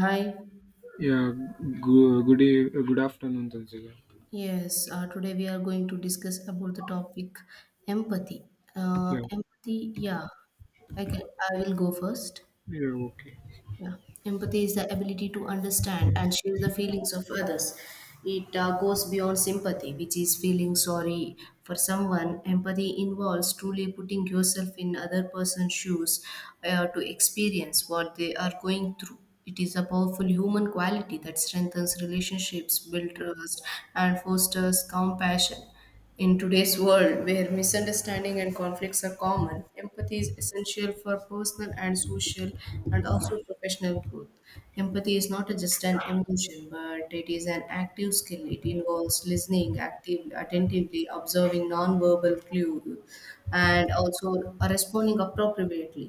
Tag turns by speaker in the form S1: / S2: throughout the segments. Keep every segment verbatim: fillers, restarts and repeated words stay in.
S1: Hi.
S2: Yeah, Good. good e- good afternoon, Tanzila.
S1: Yes, uh, today we are going to discuss about the topic empathy. Uh,
S2: Yeah,
S1: empathy, yeah. I can, I will go first.
S2: yeah, okay.
S1: Yeah. Empathy is the ability to understand and share the feelings of others. It uh, goes beyond sympathy, which is feeling sorry for someone. Empathy involves truly putting yourself in other person's shoes uh, to experience what they are going through. It is a powerful human quality that strengthens relationships, builds trust, and fosters compassion. In today's world, where misunderstanding and conflicts are common, empathy is essential for personal and social and also professional growth. Empathy is not just an emotion, but it is an active skill. It involves listening active, attentively, observing nonverbal clues, and also are responding appropriately.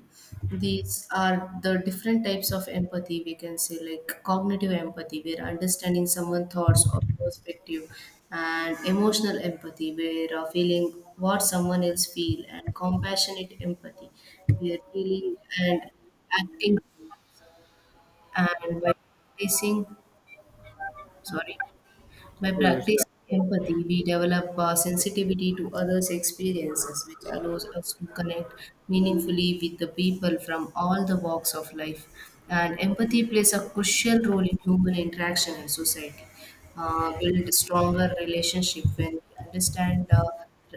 S1: These are the different types of empathy, we can say, like cognitive empathy where understanding someone's thoughts or perspective, and emotional empathy where uh, feeling what someone else feel, and compassionate empathy where feeling and acting and by facing, sorry, by
S2: Yes,
S1: practicing empathy, we develop uh, sensitivity to others' experiences, which allows us to connect meaningfully with the people from all the walks of life. And empathy plays a crucial role in human interaction and society. Uh, build stronger relationship when we understand uh,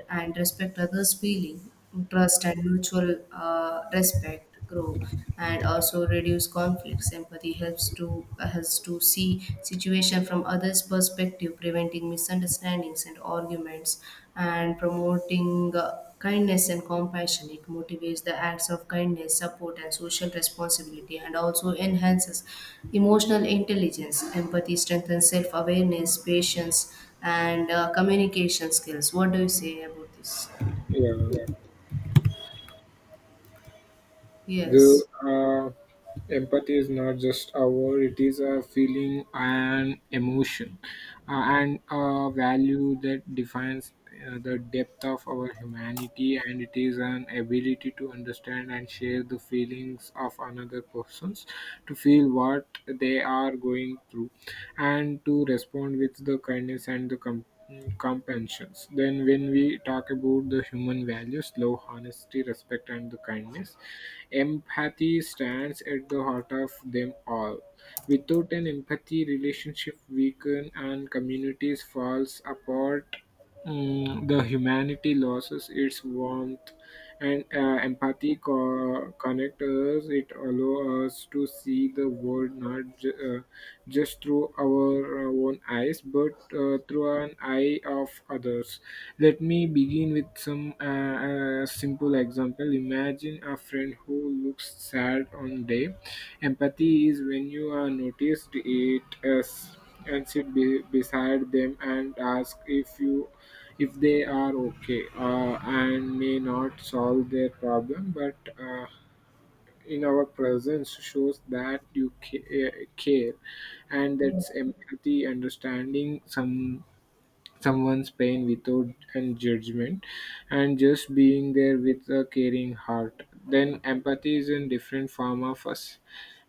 S1: and respect others' feeling, trust and mutual uh, respect grow and also reduce conflicts. Empathy helps to helps to see situation from others' perspective, preventing misunderstandings and arguments, and promoting. Uh, Kindness and compassion. It motivates the acts of kindness, support, and social responsibility, and also enhances emotional intelligence. Empathy strengthens self awareness, patience, and uh, communication skills. What do you say about this?
S2: yeah. The
S1: Yes.
S2: uh, Empathy is not just a word, it is a feeling and emotion uh, and a value that defines uh, the depth of our humanity, and it is an ability to understand and share the feelings of another persons, to feel what they are going through and to respond with the kindness and the com- compensations. Then when we talk about the human values, love, honesty, respect, and the kindness, empathy stands at the heart of them all. Without an empathy, relationship weaken and communities falls apart. Mm, the humanity loses its warmth, and uh, empathy co- connect us. It allows us to see the world not ju- uh, just through our uh, own eyes, but uh, through an eye of others. Let me begin with some uh, uh, simple example. Imagine a friend who looks sad on day. Empathy is when you are noticed it as and sit be- beside them and ask if you if they are okay, uh, and may not solve their problem, but uh, in our presence shows that you ca- uh, care, and that's empathy, understanding some someone's pain without and judgment and just being there with a caring heart. Then empathy is a different form of us,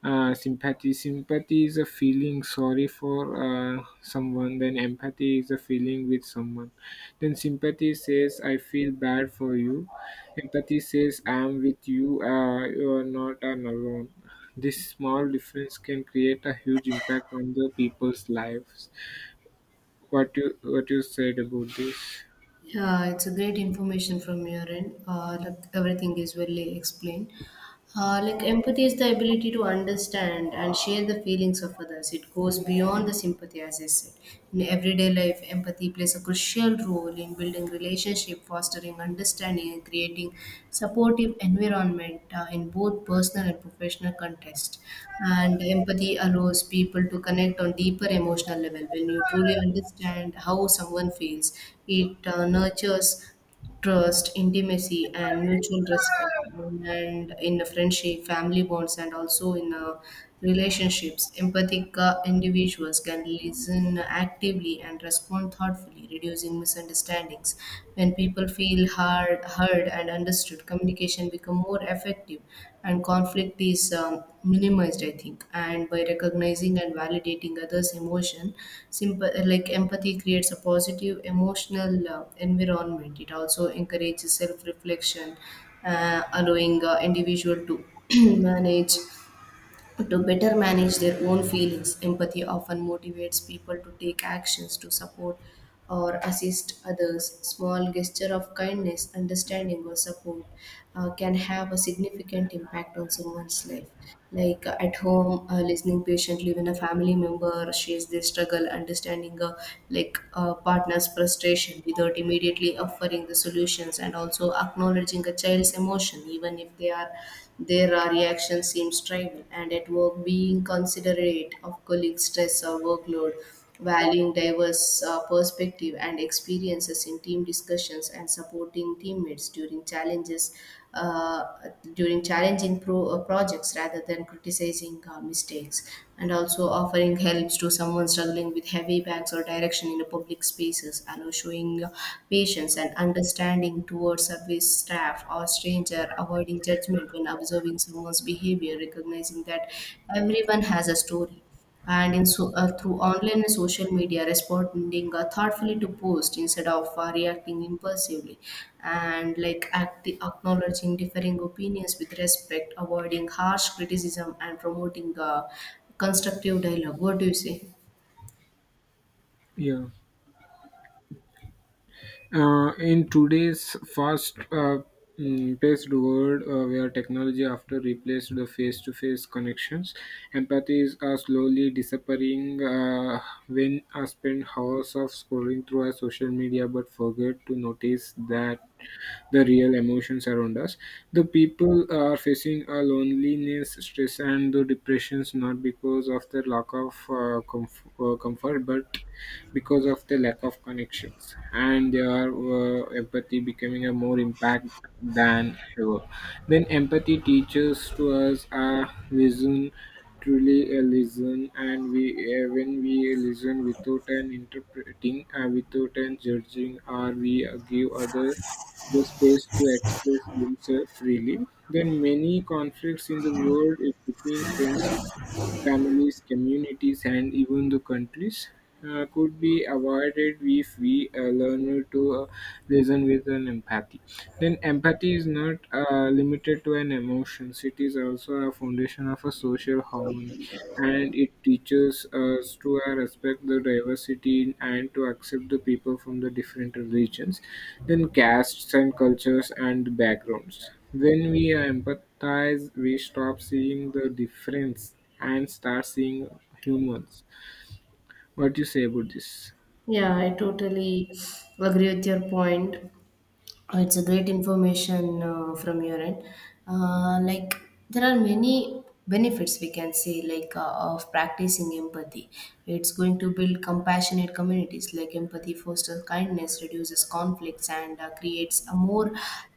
S2: uh, sympathy. Sympathy is a feeling sorry for uh, someone, then empathy is a feeling with someone. Then sympathy says, I feel bad for you, empathy says, I am with you, uh, you are not I alone. This small difference can create a huge impact on the people's lives. What you what you said about this?
S1: Yeah, it's a great information from your end. Uh, like everything is well explained. Uh, like empathy is the ability to understand and share the feelings of others. It goes beyond the sympathy, as I said. In everyday life, empathy plays a crucial role in building relationship, fostering understanding, and creating supportive environment uh, in both personal and professional context. And empathy allows people to connect on deeper emotional level. When you truly understand how someone feels, it uh, nurtures trust, intimacy, and mutual respect, and in a friendship, family bonds, and also in a relationships. Empathic uh, individuals can listen actively and respond thoughtfully, reducing misunderstandings. When people feel hard, heard, and understood, communication become more effective and conflict is um, minimized, I think, and by recognizing and validating others emotion simple, like empathy creates a positive emotional uh, environment. It also encourages self reflection, uh, allowing uh, individual to manage to better manage their own feelings. Empathy often motivates people to take actions to support or assist others. Small gesture of kindness, understanding, or support uh, can have a significant impact on someone's life. Like uh, at home, uh, listening patiently when a family member shares their struggle, understanding a like a partner's frustration without immediately offering the solutions, and also acknowledging a child's emotion, even if they are their uh, reaction seems trivial, and at work, being considerate of colleagues' stress or workload, valuing diverse uh, perspective and experiences in team discussions, and supporting teammates during challenges, uh, during challenging pro- uh, projects rather than critical criticizing uh, mistakes, and also offering helps to someone struggling with heavy bags or direction in the public spaces, allow showing uh, patience and understanding towards service staff or stranger, avoiding judgment when observing someone's behavior, recognizing that everyone has a story, and in so uh, through online and social media, responding uh, thoughtfully to posts instead of uh, reacting impulsively, and like act- acknowledging differing opinions with respect, avoiding harsh criticism, and promoting uh, constructive dialogue. What do you say?
S2: Yeah. Uh, in today's fast uh, mm, paced world uh, where technology after replaced the face to face connections, empathy is uh, slowly disappearing. Uh, when I spend hours of scrolling through our social media but forget to notice that the real emotions around us, the people are facing a loneliness, stress, and the depressions use, not because of the lack of uh, comf- uh, comfort, but because of the lack of connections, and their uh, empathy becoming a more impact than ever. Then empathy teaches to us a listen, truly a listen. And we uh, When we listen without an interpreting, uh, without an judging, or we uh, give other the space to express themselves freely, then many conflicts in the world between friends, families, communities, and even the countries uh, could be avoided if we uh, learn to uh, listen with an empathy. Then empathy is not uh, limited to an emotion. It is also a foundation of a social harmony, and it teaches us to uh, respect the diversity and to accept the people from the different religions, then castes and cultures and backgrounds. When we empathize, we stop seeing the difference and start seeing humans. What you say about this?
S1: Yeah, I totally agree with your point. It's a great information uh, from your end. Uh, like there are many benefits, we can say, like uh, of practicing empathy. It's going to build compassionate communities. Like empathy fosters kindness, reduces conflicts, and uh, creates a more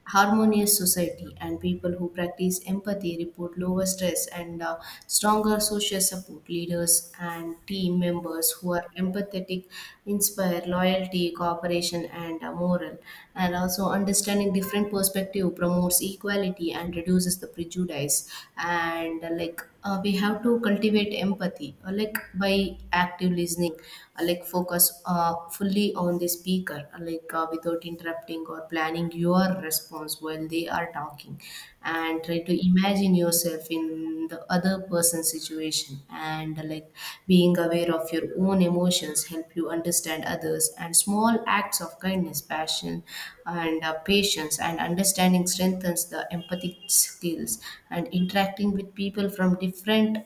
S1: harmonious society, and people who practice empathy report lower stress and uh, stronger social support. Leaders and team members who are empathetic inspire loyalty, cooperation, and uh, moral, and also understanding different perspective promotes equality and reduces the prejudice. And uh, like uh, we have to cultivate empathy, uh, like by active listening, uh, like focus uh, fully on the speaker, uh, like uh, without interrupting or planning your response while they are talking, and try to imagine yourself in the other person's situation, and uh, like being aware of your own emotions help you understand others, and small acts of kindness, passion, and uh, patience and understanding strengthens the empathy skills, and interacting with people from different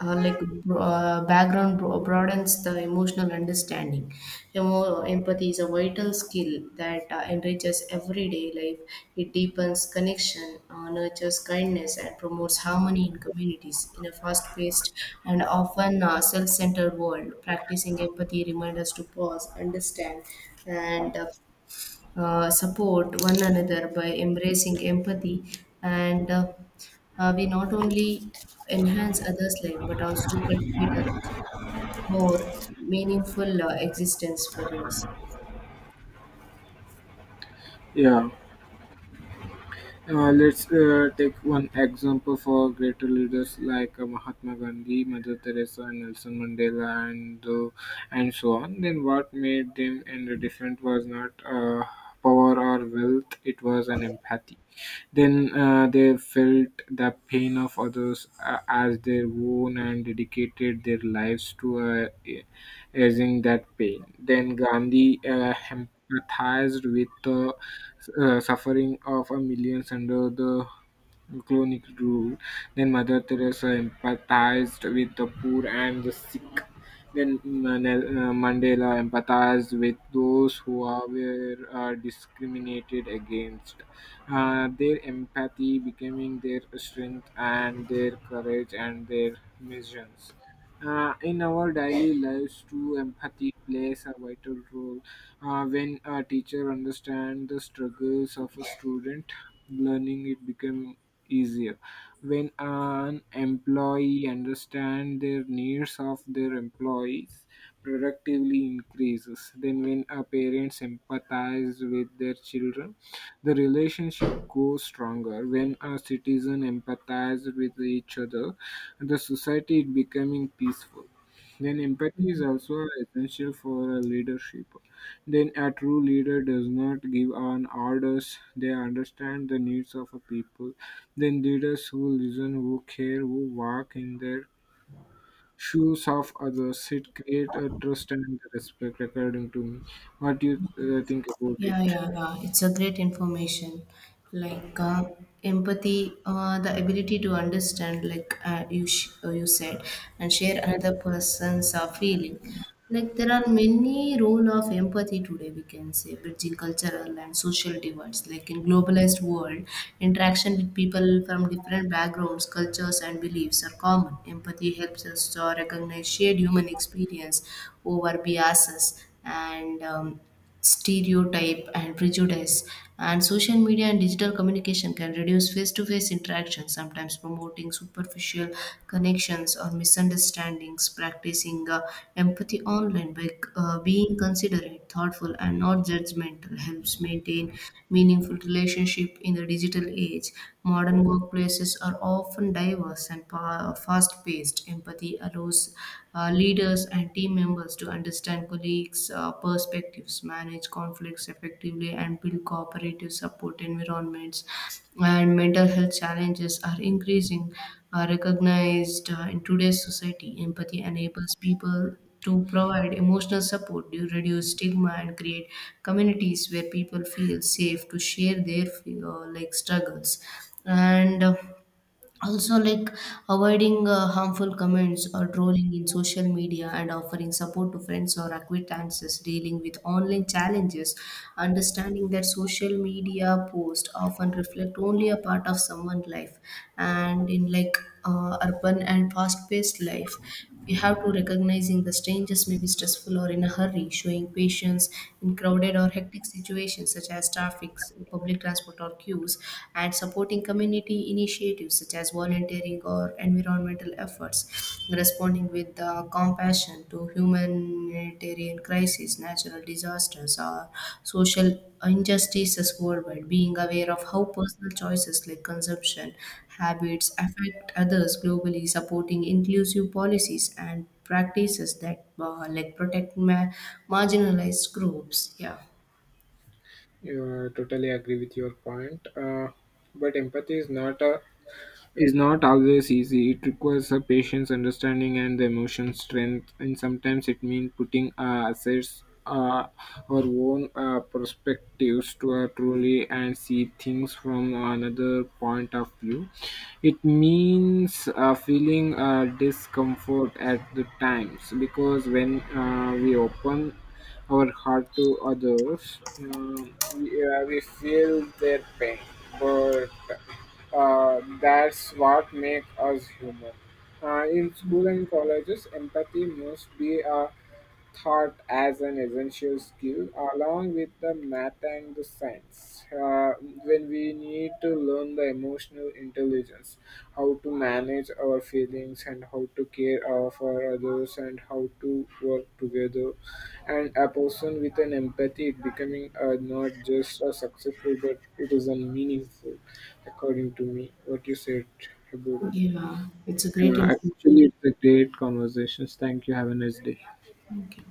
S1: uh, like bro- uh, background bro- broadens the emotional understanding. Emo- empathy is a vital skill that uh, enriches everyday life. It deepens connection, uh, nurtures kindness, and promotes harmony in communities. In a fast-paced and often uh, self-centered world, practicing empathy reminds us to pause, understand, and uh, uh, support one another. By embracing empathy and uh, uh, we not only enhance others life but also cultivate a more meaningful uh, existence for yours.
S2: Yeah. Uh, let's uh, take one example for greater leaders like uh, Mahatma Gandhi, Mother Teresa, and Nelson Mandela, and uh, and so on. Then what made them and different was not uh, power or wealth; it was an empathy. Then uh, they felt the pain of others uh, as their own and dedicated their lives to uh, easing that pain. Then Gandhi uh, empathized with the uh, suffering of a millions under the colonial rule. Then Mother Teresa empathized with the poor and the sick. Then Manel- uh, Mandela empathized with those who are, were uh, discriminated against. Uh, their empathy becoming their strength and their courage and their missions. Uh, in our daily lives, too, empathy plays a vital role. Uh, when a teacher understands the struggles of a student, learning it becomes easier. When an employee understands their needs of their employees, productively increases. Then, when a parents empathize with their children, the relationship goes stronger. When a citizen empathize with each other, the society is becoming peaceful. Then empathy is also essential for a leadership. Then a true leader does not give on orders, they understand the needs of a people. Then leaders who listen, who care, who walk in their shoes of others, it create a trust and respect according to me. What do you uh, think about
S1: Yeah,
S2: it?
S1: yeah, yeah, it's a great information. Like uh, empathy, uh, the ability to understand, like uh, you sh- uh, you said, and share another person's uh, feeling. Like there are many role of empathy today. We can say bridging cultural and social divides. Like in globalized world, interaction with people from different backgrounds, cultures, and beliefs are common. Empathy helps us to recognize shared human experience over biases and um, stereotype and prejudice, and social media and digital communication can reduce face-to-face interaction, sometimes promoting superficial connections or misunderstandings. Practicing uh, empathy online by uh, being considerate, thoughtful, and not judgmental helps maintain building meaningful relationship in the digital age. Modern workplaces are often diverse and pa- fast-paced. Empathy allows uh, leaders and team members to understand colleagues' uh, perspectives, manage conflicts effectively, and build cooperative support environments, and mental health challenges are increasing, are recognized uh, in today's society. Empathy enables people to provide emotional support, to reduce stigma, and create communities where people feel safe to share their uh, like struggles. And uh, also, like avoiding uh, harmful comments or trolling in social media, and offering support to friends or acquaintances dealing with online challenges, understanding that social media posts often reflect only a part of someone's life, and in like uh, urban and fast paced life, you have to recognizing the strangers may be stressful or in a hurry, showing patience in crowded or hectic situations such as traffic, public transport or queues, and supporting community initiatives such as volunteering or environmental efforts, responding with uh, compassion to humanitarian crises, natural disasters, or social injustices worldwide, being aware of how personal choices like consumption habits affect others globally, supporting inclusive policies and practices that uh, like protect ma- marginalized groups. Yeah,
S2: Yeah, I totally agree with your point. Uh, but empathy is not a is not always easy. It requires a patience, understanding, and the emotion strength. And sometimes it means putting uh, assets, uh, our own uh, perspectives to uh, truly and see things from another point of view. It means uh, feeling uh, discomfort at the times, because when uh, we open our heart to others, Uh, we, uh, we feel their pain, but uh, that's what makes us human. Uh, in school and colleges, empathy must be a thought as an essential skill along with the math and the science, uh, when we need to learn the emotional intelligence, how to manage our feelings and how to care uh, for others and how to work together, and a person with an empathy it becoming uh, not just a successful but it is a meaningful, according to me. What you said about?
S1: yeah, it's a great
S2: Uh,
S1: information.
S2: actually, it's a great conversations. Thank you, have a nice day.
S1: Thank you.